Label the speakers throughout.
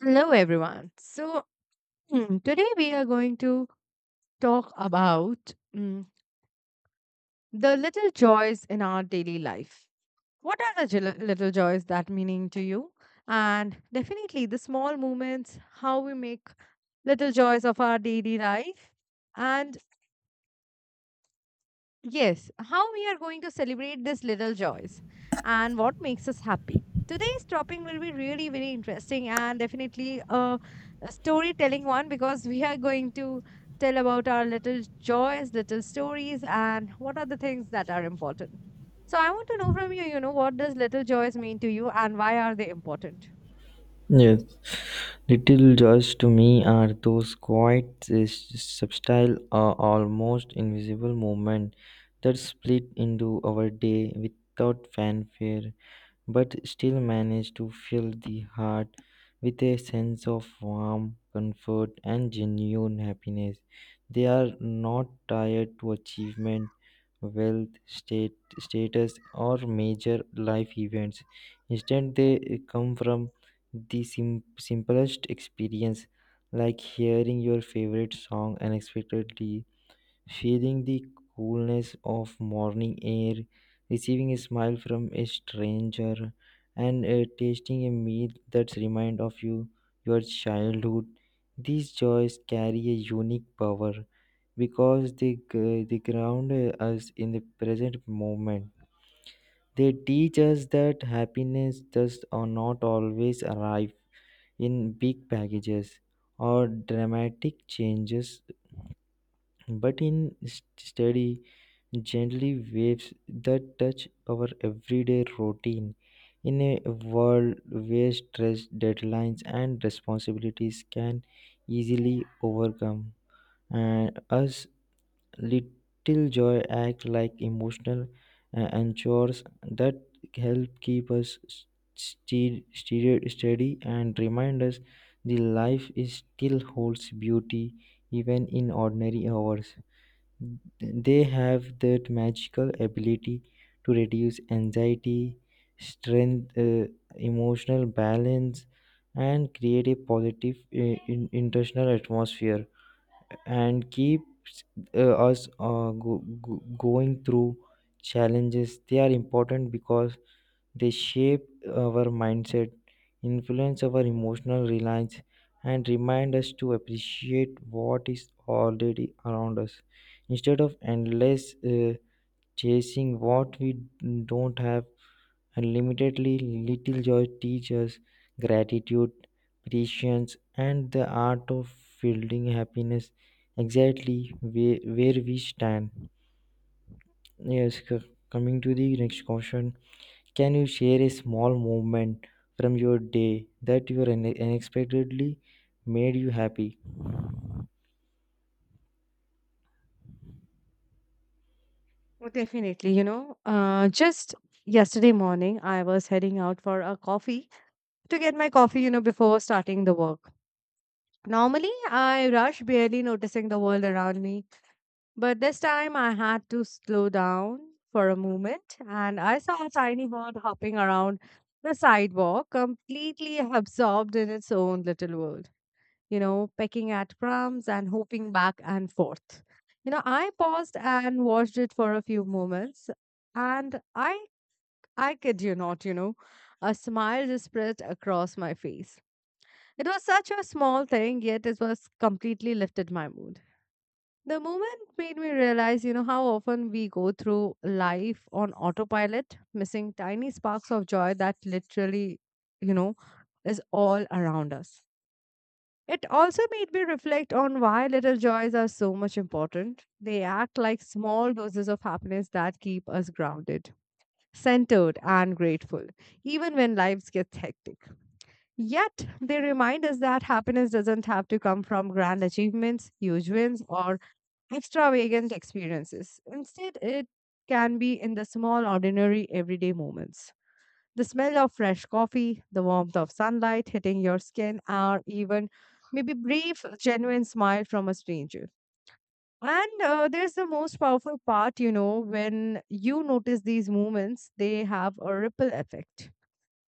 Speaker 1: Hello, everyone. So, mm, Today we are going to talk about the little joys in our daily life. What are the little joys that meaning to you? And definitely the small moments, how we make little joys of our daily life. And Yes, how we are going to celebrate these little joys and what makes us happy. Today's topic will be really very interesting and definitely a storytelling one because we are going to tell about our little joys, little stories, and what are the things that are important. So I want to know from you, what does little joys mean to you and why are they important?
Speaker 2: Yes, little joys to me are those quiet, subtle, or almost invisible moments that split into our day without fanfare but still manage to fill the heart with a sense of warmth, comfort, and genuine happiness. They are not tied to achievement, wealth, state, status, or major life events. Instead, they come from the simplest experience, like hearing your favorite song unexpectedly, feeling the coolness of morning air, receiving a smile from a stranger, and tasting a meal that's remind of you your childhood. These joys carry a unique power because they ground us in the present moment. They teach us that happiness does or not always arrive in big packages or dramatic changes but in steady, gently waves that touch our everyday routine. In a world where stress, deadlines, and responsibilities can easily overcome and us, little joy act like emotional anchors that help keep us steady and remind us the life is still holds beauty even in ordinary hours. They have that magical ability to reduce anxiety, strength, emotional balance, and create a positive international atmosphere and keeps uh, us going through challenges. They are important because they shape our mindset, influence our emotional reliance, and remind us to appreciate what is already around us instead of endless chasing what we don't have. Unlimitedly, little joy teaches gratitude, patience, and the art of building happiness exactly where we stand. Yes, coming to the next question, can you share a small moment from your day that you unexpectedly made you happy?
Speaker 1: Oh, definitely. Just yesterday morning, I was heading out for a coffee to get my coffee, you know, before starting the work. Normally, I rush barely noticing the world around me, but this time I had to slow down for a moment and I saw a tiny bird hopping around the sidewalk, completely absorbed in its own little world, you know, pecking at crumbs and hopping back and forth. You know, I paused and watched it for a few moments, and I kid you not, a smile just spread across my face. It was such a small thing, yet it was completely lifted my mood. The moment made me realize, you know, how often we go through life on autopilot, missing tiny sparks of joy that literally, you know, is all around us. It also made me reflect on why little joys are so much important. They act like small doses of happiness that keep us grounded, centered, and grateful, even when lives get hectic. Yet, they remind us that happiness doesn't have to come from grand achievements, huge wins, or extravagant experiences. Instead, it can be in the small, ordinary, everyday moments. The smell of fresh coffee, the warmth of sunlight hitting your skin, or even maybe brief, genuine smile from a stranger. And There's the most powerful part, you know, when you notice these moments, they have a ripple effect.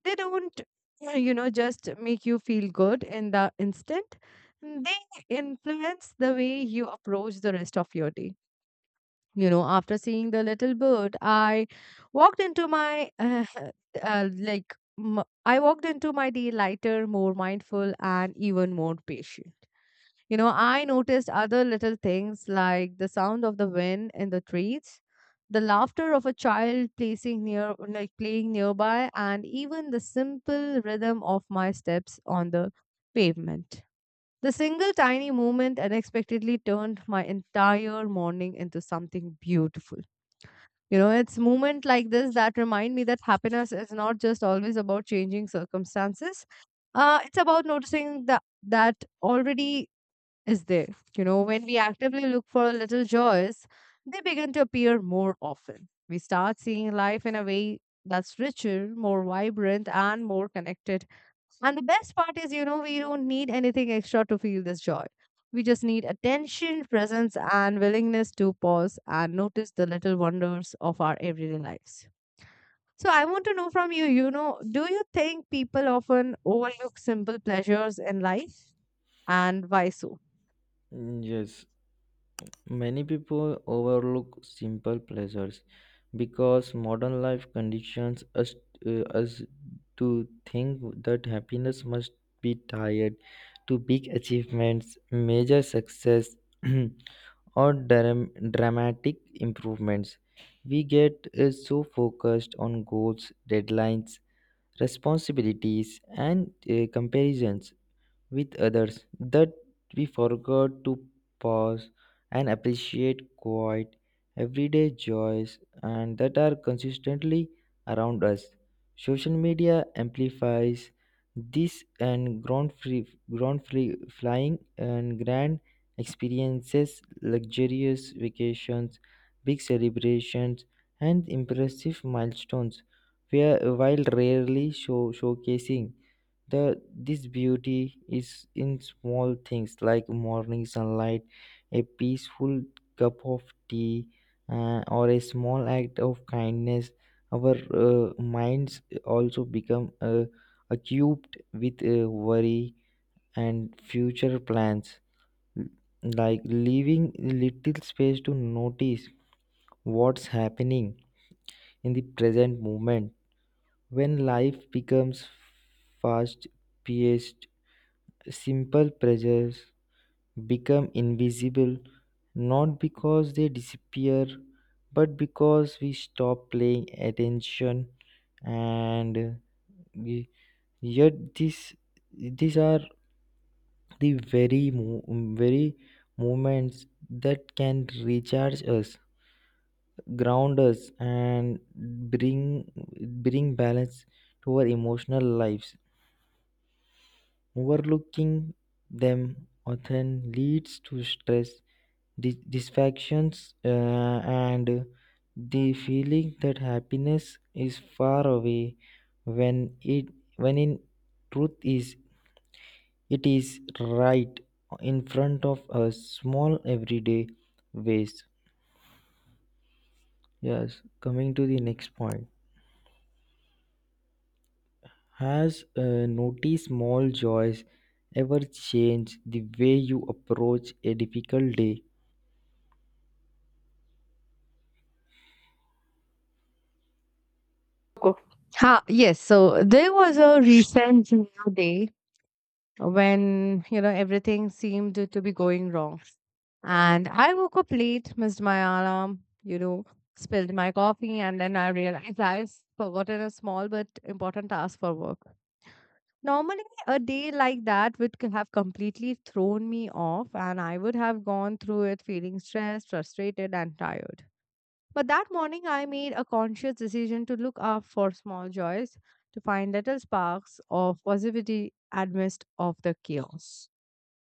Speaker 1: They don't, just make you feel good in the instant. They influence the way you approach the rest of your day. You know, after seeing the little bird, I walked into my like m- I walked into my day lighter, more mindful, and even more patient. You know, I noticed other little things like the sound of the wind in the trees, the laughter of a child placing near like playing nearby, and even the simple rhythm of my steps on the pavement. The single tiny movement unexpectedly turned my entire morning into something beautiful. You know, it's moments like this that remind me that happiness is not just always about changing circumstances. It's about noticing that already is there. You know, when we actively look for little joys, they begin to appear more often. We start seeing life in a way that's richer, more vibrant, and more connected. And the best part is, you know, we don't need anything extra to feel this joy. We just need attention, presence, and willingness to pause and notice the little wonders of our everyday lives. So, I want to know from you, do you think people often overlook simple pleasures in life and why so?
Speaker 2: Mm, yes, many people overlook simple pleasures because modern life conditions us to think that happiness must be tied to big achievements, major success, or dramatic improvements. We get so focused on goals, deadlines, responsibilities and comparisons with others that we forgot to pause and appreciate quiet, everyday joys and that are consistently around us. Social media amplifies this and ground free flying and grand experiences, luxurious vacations, big celebrations, and impressive milestones, while showcasing the this beauty is in small things like morning sunlight, a peaceful cup of tea, or a small act of kindness. Our minds also become acute with worry and future plans, like leaving little space to notice what's happening in the present moment. When life becomes fast paced, simple pressures become invisible, not because they disappear but because we stop paying attention. And we, yet this these are the very moments that can recharge us, ground us, and bring balance to our emotional lives. Overlooking them often leads to stress, distractions, and the feeling that happiness is far away when it when in truth is it is right in front of us, small everyday ways. Yes, coming to the next point, has noticed small joys ever changed the way you approach a difficult day?
Speaker 1: Coco. Ha, yes. So there was a recent day when, you know, everything seemed to be going wrong. And I woke up late, missed my alarm, you know, spilled my coffee, and then I realized I've forgotten a small but important task for work. Normally, a day like that would have completely thrown me off, and I would have gone through it feeling stressed, frustrated, and tired. But that morning, I made a conscious decision to look up for small joys, to find little sparks of positivity amidst of the chaos.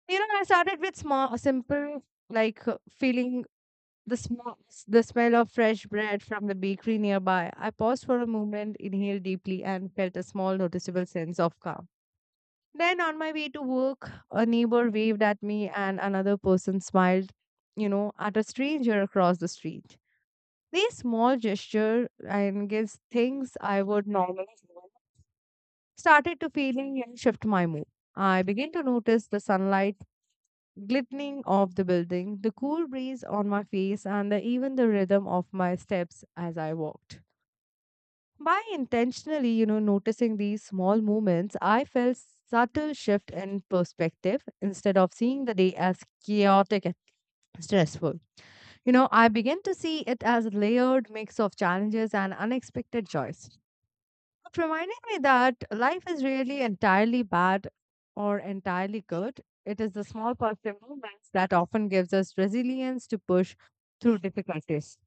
Speaker 1: You know, I started with small, simple, like feeling the smell, the smell of fresh bread from the bakery nearby. I paused for a moment, inhaled deeply, and felt a small, noticeable sense of calm. Then, on my way to work, a neighbor waved at me, and another person smiled, you know, at a stranger across the street. These small gestures and gives things I would normally ignore started to feeling and shift my mood. I began to notice the sunlight glistening off the building, the cool breeze on my face, and even the rhythm of my steps as I walked. By intentionally, you know, noticing these small movements, I felt subtle shift in perspective instead of seeing the day as chaotic and stressful. You know, I began to see it as a layered mix of challenges and unexpected joys. It reminded me that life is really entirely bad or entirely good. It is the small positive moments that often gives us resilience to push through difficulties.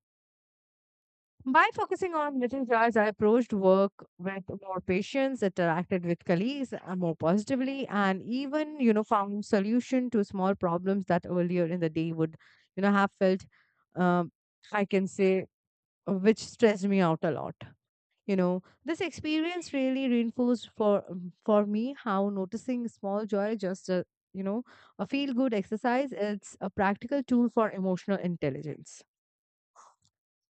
Speaker 1: By focusing on little joys, I approached work with more patience, interacted with colleagues more positively, and even, you know, found solution to small problems that earlier in the day would, you know, have felt um, I can say which stressed me out a lot. You know, this experience really reinforced for me how noticing small joy just a, you know, a feel good exercise, it's a practical tool for emotional intelligence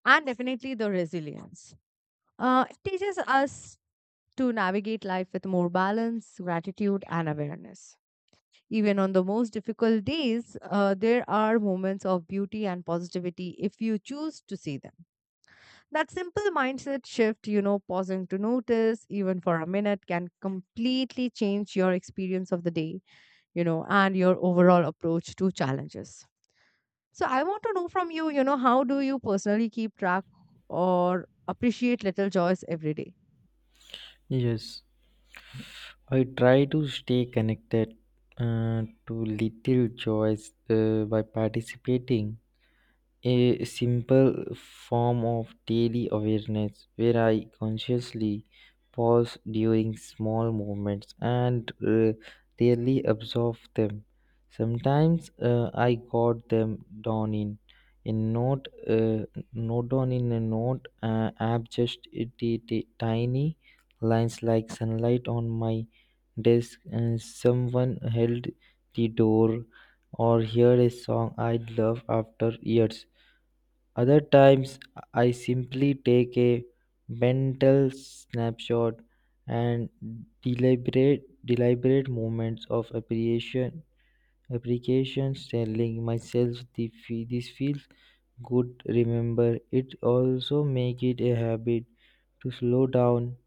Speaker 1: and definitely the resilience. It teaches us to navigate life with more balance, gratitude, and awareness. Even on the most difficult days, there are moments of beauty and positivity if you choose to see them. That simple mindset shift, you know, pausing to notice even for a minute can completely change your experience of the day, you know, and your overall approach to challenges. So I want to know from you, how do you personally keep track or appreciate little joys every day?
Speaker 2: Yes, I try to stay connected to little joys by participating a simple form of daily awareness where I consciously pause during small moments and really observe them. Sometimes I got them down in a note, note down in a note app, just a tiny lines like sunlight on my desk, and someone held the door, or heard a song I love after years. Other times, I simply take a mental snapshot and deliberate moments of appreciation, applications, telling myself this feels good. Remember, it also make it a habit to slow down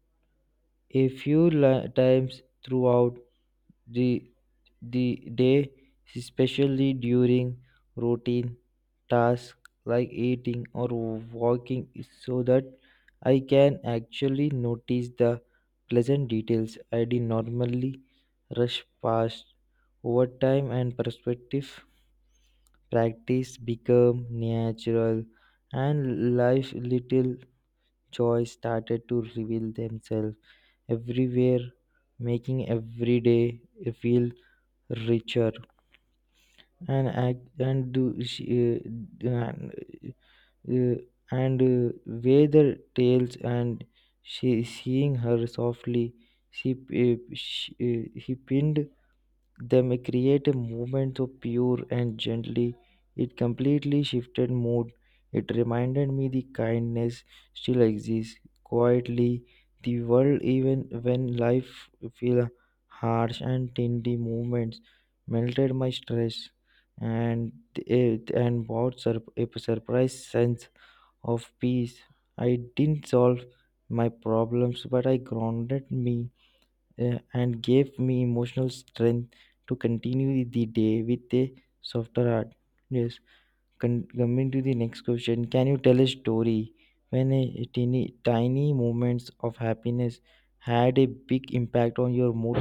Speaker 2: a times throughout the the day, especially during routine tasks like eating or walking, so that I can actually notice the pleasant details I did normally rush past. Over time and perspective, practice become natural and life little joys started to reveal themselves everywhere, making every day feel richer and act and uh, and, uh, uh, weigh the tails and she seeing her softly she he pinned. They may create a movement so pure and gently. It completely shifted mood. It reminded me the kindness still exists quietly. The world, even when life feel harsh and tindy movements, melted my stress and it and a surprise sense of peace. I didn't solve my problems, but I grounded me and gave me emotional strength to continue the day with a softer heart. Yes, coming to the next question, can you tell a story when a tiny moments of happiness had a big impact on your mood?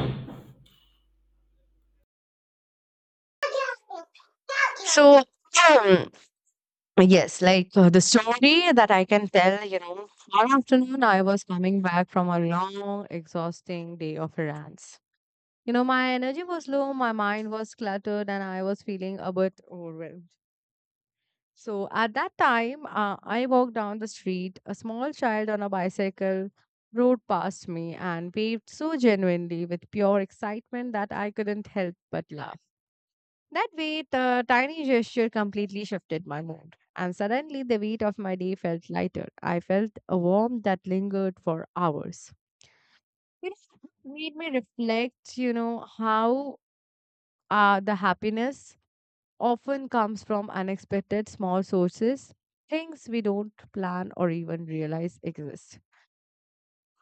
Speaker 1: So, Yes, like the story that I can tell, you know, one afternoon I was coming back from a long, exhausting day of errands. You know, my energy was low, my mind was cluttered, and I was feeling a bit overwhelmed. So, at that time, I walked down the street. A small child on a bicycle rode past me and waved so genuinely with pure excitement that I couldn't help but laugh. That way, the tiny gesture completely shifted my mood, and suddenly the weight of my day felt lighter. I felt a warmth that lingered for hours. It made me reflect, you know, how the happiness often comes from unexpected small sources, things we don't plan or even realize exist.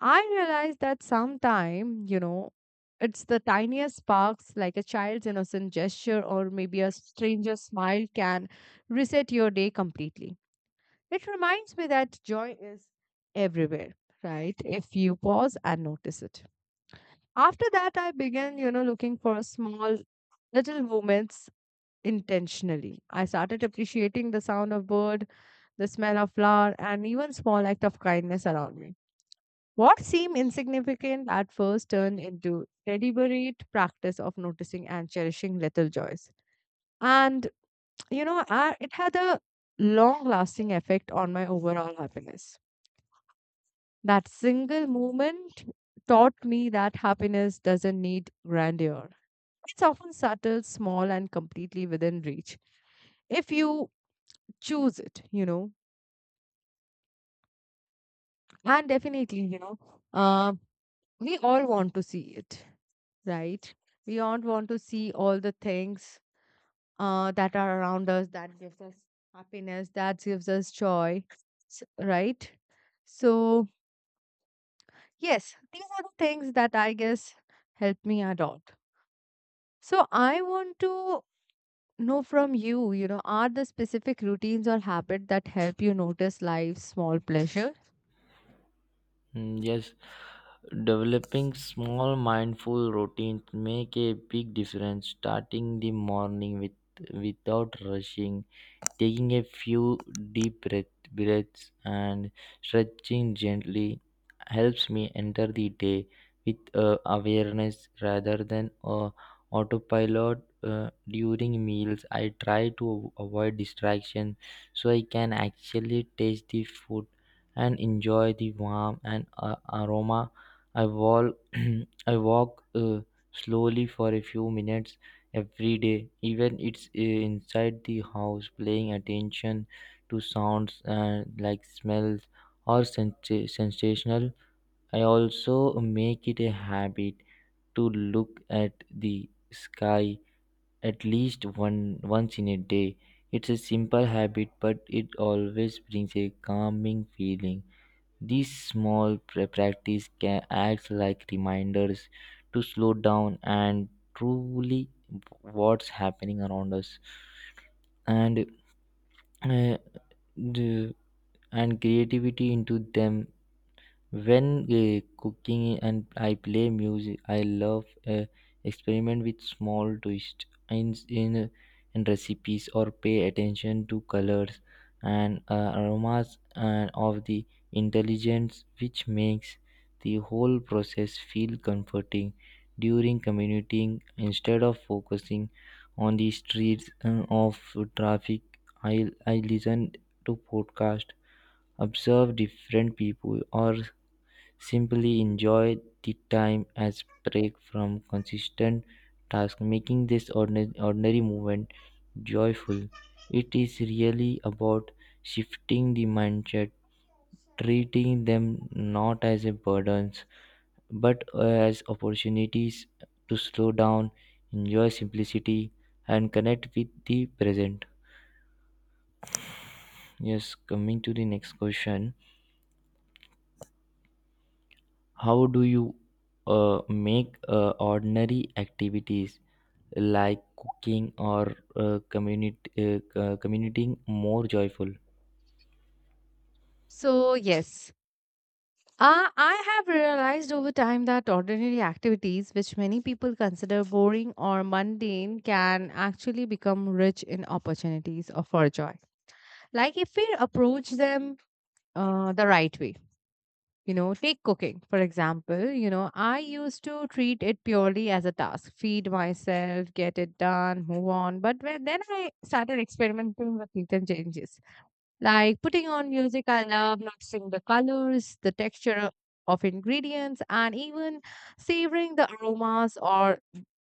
Speaker 1: I realized that sometime, you know, it's the tiniest sparks like a child's innocent gesture or maybe a stranger's smile can reset your day completely. It reminds me that joy is everywhere, right? If you pause and notice it. After that, I began, you know, looking for small little moments intentionally. I started appreciating the sound of bird, the smell of flower, and even small act of kindness around me. What seemed insignificant at first turned into deliberate practice of noticing and cherishing little joys. And, you know, it had a long lasting effect on my overall happiness. That single moment taught me that happiness doesn't need grandeur. It's often subtle, small, and completely within reach if you choose it, you know. And definitely, uh, we all want to see it. Right? We all want to see all the things that are around us that gives us happiness, that gives us joy, right? So, yes, these are the things that I guess help me adopt. So, I want to know from you, are the specific routines or habit that help you notice life's small pleasure?
Speaker 2: Mm, yes, developing small mindful routines make a big difference. Starting the morning with without rushing, taking a few deep breath, breaths and stretching gently helps me enter the day with awareness rather than autopilot. During meals, I try to avoid distraction so I can actually taste the food and enjoy the warmth and aroma. I walk, I walk slowly for a few minutes every day, even it's inside the house, paying attention to sounds like smells or sensational. I also make it a habit to look at the sky at least one once in a day. It's a simple habit but it always brings a calming feeling. These small practice can act like reminders to slow down and truly what's happening around us. And uh, the, creativity into them when cooking and I play music, I love experiment with small twists in recipes or pay attention to colors and aromas and of the intelligence, which makes the whole process feel comforting. During commuting instead of focusing on the streets of traffic, I listen to podcast, observe different people or simply enjoy the time as break from consistent task, making this ordinary moment joyful. It is really about shifting the mindset, treating them not as a burdens but as opportunities to slow down, enjoy simplicity, and connect with the present. Yes, coming to the next question. How do you make ordinary activities like cooking or commuting more joyful?
Speaker 1: So, yes. I have realized over time that ordinary activities, which many people consider boring or mundane, can actually become rich in opportunities or for joy. Like if we approach them the right way. You know, take cooking, for example. You know, I used to treat it purely as a task feed myself, get it done, move on. But when, then I started experimenting with little changes like putting on music, I love noticing the colors, the texture of ingredients, and even savoring the aromas or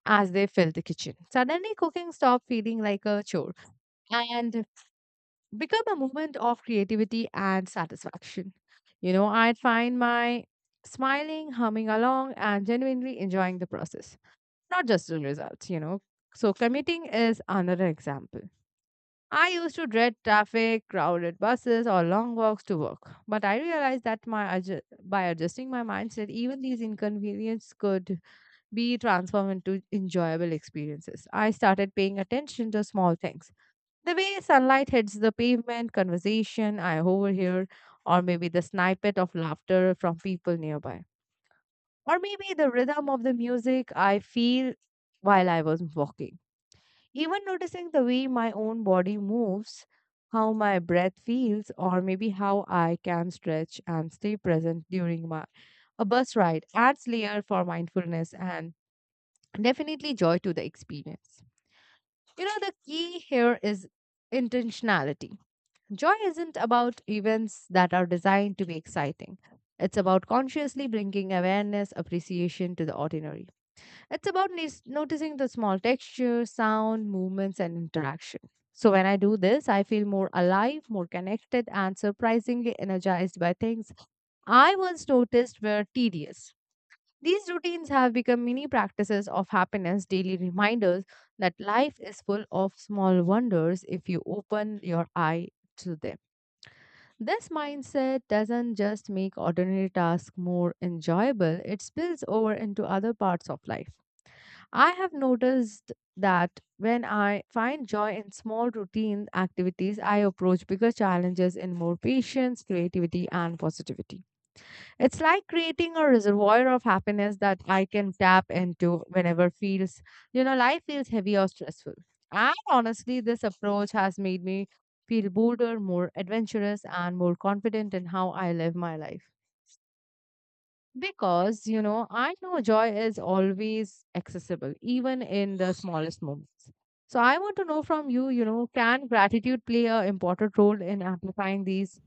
Speaker 1: as they fill the kitchen. Suddenly, cooking stopped feeling like a chore and become a moment of creativity and satisfaction. You know, I'd find my smiling, humming along, and genuinely enjoying the process, not just the results, you know. So, commuting is another example. I used to dread traffic, crowded buses, or long walks to work. But I realized that by adjusting my mindset, even these inconveniences could be transformed into enjoyable experiences. I started paying attention to small things. The way sunlight hits the pavement, conversation I overhear, or maybe the snippet of laughter from people nearby. Or maybe the rhythm of the music I feel while I was walking. Even noticing the way my own body moves, how my breath feels, or maybe how I can stretch and stay present during my a bus ride adds layer for mindfulness and definitely joy to the experience. You know, the key here is intentionality. Joy isn't about events that are designed to be exciting. It's about consciously bringing awareness, appreciation to the ordinary. It's about noticing the small texture, sound, movements, and interaction. So when I do this, I feel more alive, more connected, and surprisingly energized by things I once noticed were tedious. These routines have become mini practices of happiness, daily reminders that life is full of small wonders if you open your eye to them. This mindset doesn't just make ordinary tasks more enjoyable, it spills over into other parts of life. I have noticed that when I find joy in small routine activities, I approach bigger challenges in more patience, creativity, and positivity. It's like creating a reservoir of happiness that I can tap into whenever life feels heavy or stressful. And honestly, this approach has made me feel bolder, more adventurous, and more confident in how I live my life. Because I know joy is always accessible, even in the smallest moments. So yeah, I want to know from you, can gratitude play a important role in amplifying these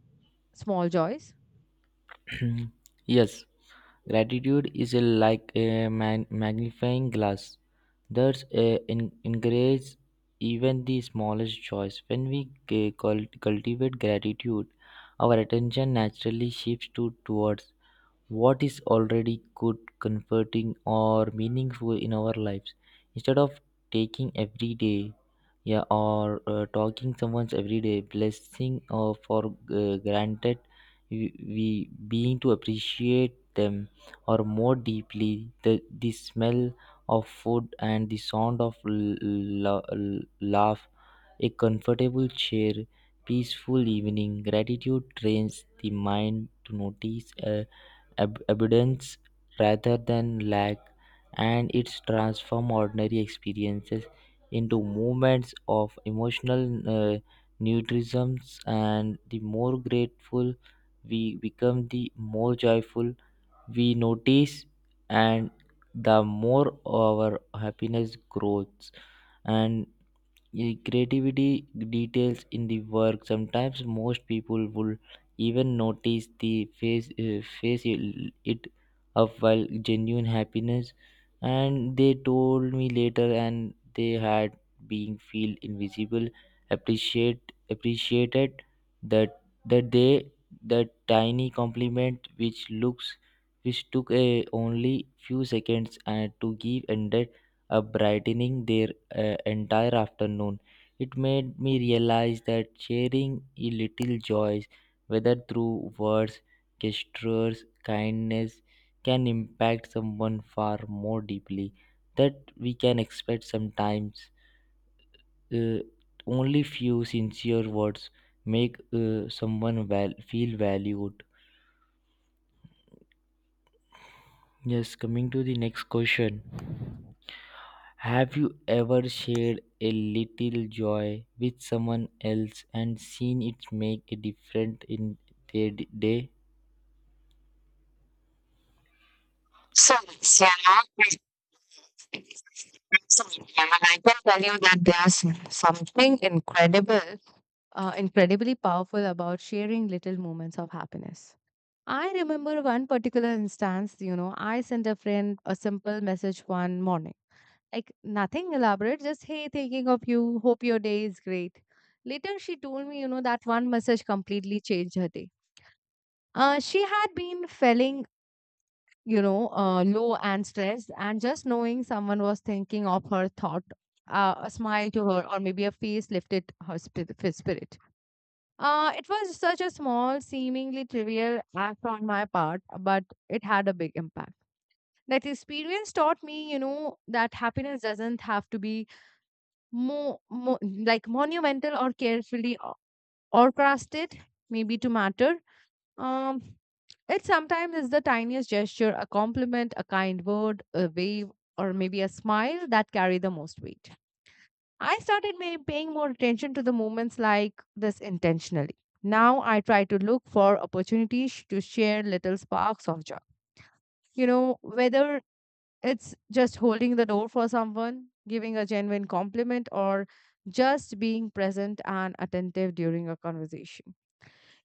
Speaker 1: small joys?
Speaker 2: Yes, gratitude is a, like a magnifying glass that encourages even the smallest joys. When we cultivate gratitude, our attention naturally shifts to towards what is already good, comforting, or meaningful in our lives. Instead of taking every day, yeah, or talking someone's every day blessing or for granted, we being to appreciate them or more deeply the smell of food and the sound of laugh, a comfortable chair, peaceful evening. Gratitude trains the mind to notice. Abundance rather than lack, and it's transform ordinary experiences into moments of emotional nutrition. And the more grateful we become, the more joyful we notice, and the more our happiness grows. And yeah, creativity details in the work sometimes most people will even notice the face it it up while genuine happiness and they told me later and they had being feel invisible appreciated that that they that tiny compliment which looks which took a only few seconds and to give and up brightening their entire afternoon. It made me realize that sharing a little joys, whether through words, gestures, kindness, can impact someone far more deeply that we can expect sometimes. Uh, only few sincere words make feel valued. Yes, coming to the next question. Have you ever shared a little joy with someone else and seen it make a difference in their day?
Speaker 1: So, yes, yeah, absolutely. And I can tell you that there's something incredible incredibly powerful about sharing little moments of happiness. I remember one particular instance, I sent a friend a simple message one morning. Like nothing elaborate, just hey, thinking of you, hope your day is great. Later, she told me, that one message completely changed her day. She had been feeling, low and stressed, and just knowing someone was thinking of her thought, a smile to her, or maybe a face lifted her spirit. It was such a small, seemingly trivial act on my part, but it had a big impact. That experience taught me, that happiness doesn't have to be Mo mo like monumental or carefully orchestrated, maybe to matter. Um, it sometimes is the tiniest gesture, a compliment, a kind word, a wave, or maybe a smile that carry the most weight. I started may paying more attention to the moments like this intentionally. Now I try to look for opportunities to share little sparks of joy. You know, whether it's just holding the door for someone, giving a genuine compliment, or just being present and attentive during a conversation.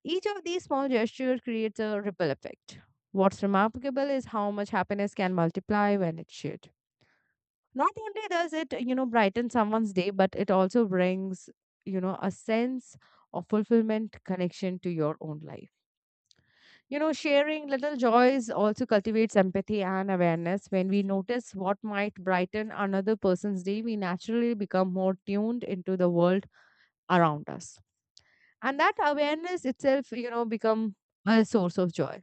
Speaker 1: Each of these small gestures creates a ripple effect. What's remarkable is how much happiness can multiply when it's shared. Not only does it, brighten someone's day, but it also brings, a sense of fulfillment connection to your own life. You know, sharing little joys also cultivates empathy and awareness. When we notice what might brighten another person's day, we naturally become more tuned into the world around us. And that awareness itself, become a source of joy.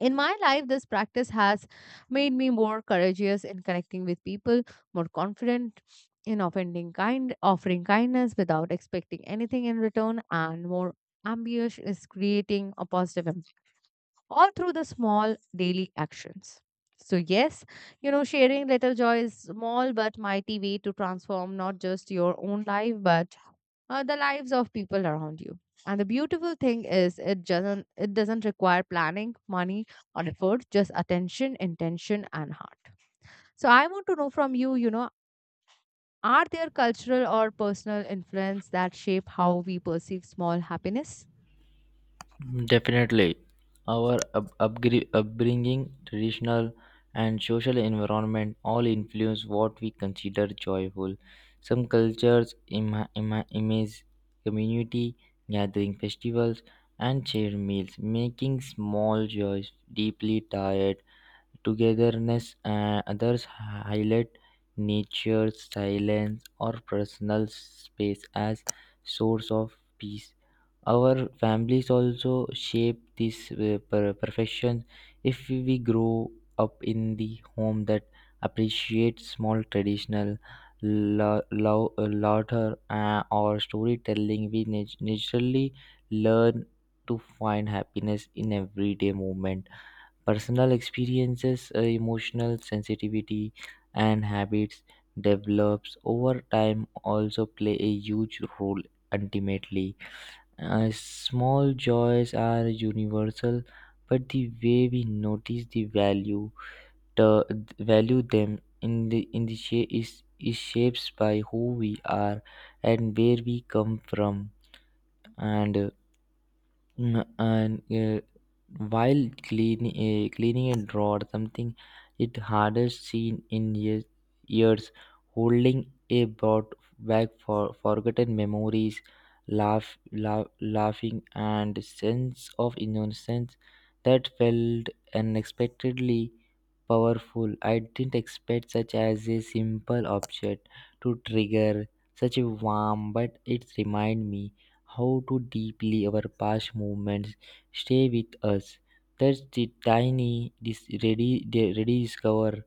Speaker 1: In my life, this practice has made me more courageous in connecting with people, more confident in offering kindness without expecting anything in return, and more ambitious is creating a positive all through the small daily actions. So, yes, sharing little joy is small but mighty way to transform not just your own life, but the lives of people around you. And the beautiful thing is, it doesn't require planning, money, or effort, just attention, intention, and heart. So, I want to know from you, are there cultural or personal influence that shape how we perceive small happiness?
Speaker 2: Mm, definitely. Our upbringing, traditional, and social environment all influence what we consider joyful. Some cultures image community gathering festivals and shared meals, making small joys deeply tied togetherness and others highlight nature, silence, or personal space as source of peace. Our families also shape this per- perfection. If we grow up in the home that appreciates small traditional laughter or storytelling, we naturally learn to find happiness in everyday moment. Personal experiences, emotional sensitivity, and habits develops over time also play a huge role ultimately. Small joys are universal, but the way we notice the value them in the shape is shapes by who we are and where we come from. And Mm, and uh, while cleaning a drawer something it hardest seen in years holding a brought back for forgotten memories, laughing and sense of innocence that felt unexpectedly powerful. I didn't expect such as a simple object to trigger such a warm, but it reminded me how to deeply our past movements stay with us. That's the tiny rediscover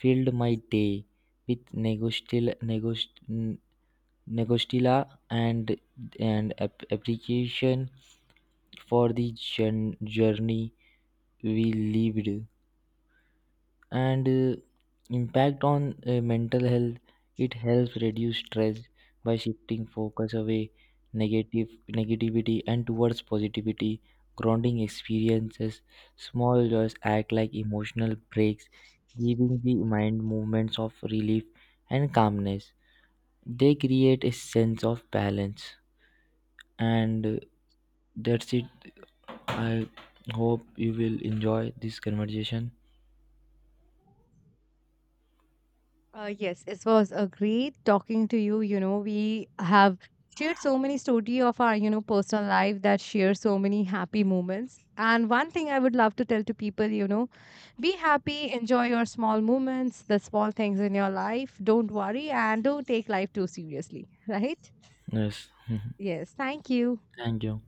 Speaker 2: filled my day with negostila and and appreciation for the journey we lived. And impact on mental health, it helps reduce stress by shifting focus away negative negativity and towards positivity grounding experiences. Small joys act like emotional breaks, giving the mind movements of relief and calmness. They create a sense of balance and that's it. I hope you will enjoy this conversation.
Speaker 1: Yes, it was a great talking to you. You know, we have shared so many story of our, personal life that share so many happy moments. And one thing I would love to tell to people, be happy, enjoy your small moments, the small things in your life. Don't worry and don't take life too seriously, right?
Speaker 2: Yes,
Speaker 1: Yes, thank you.
Speaker 2: thank you.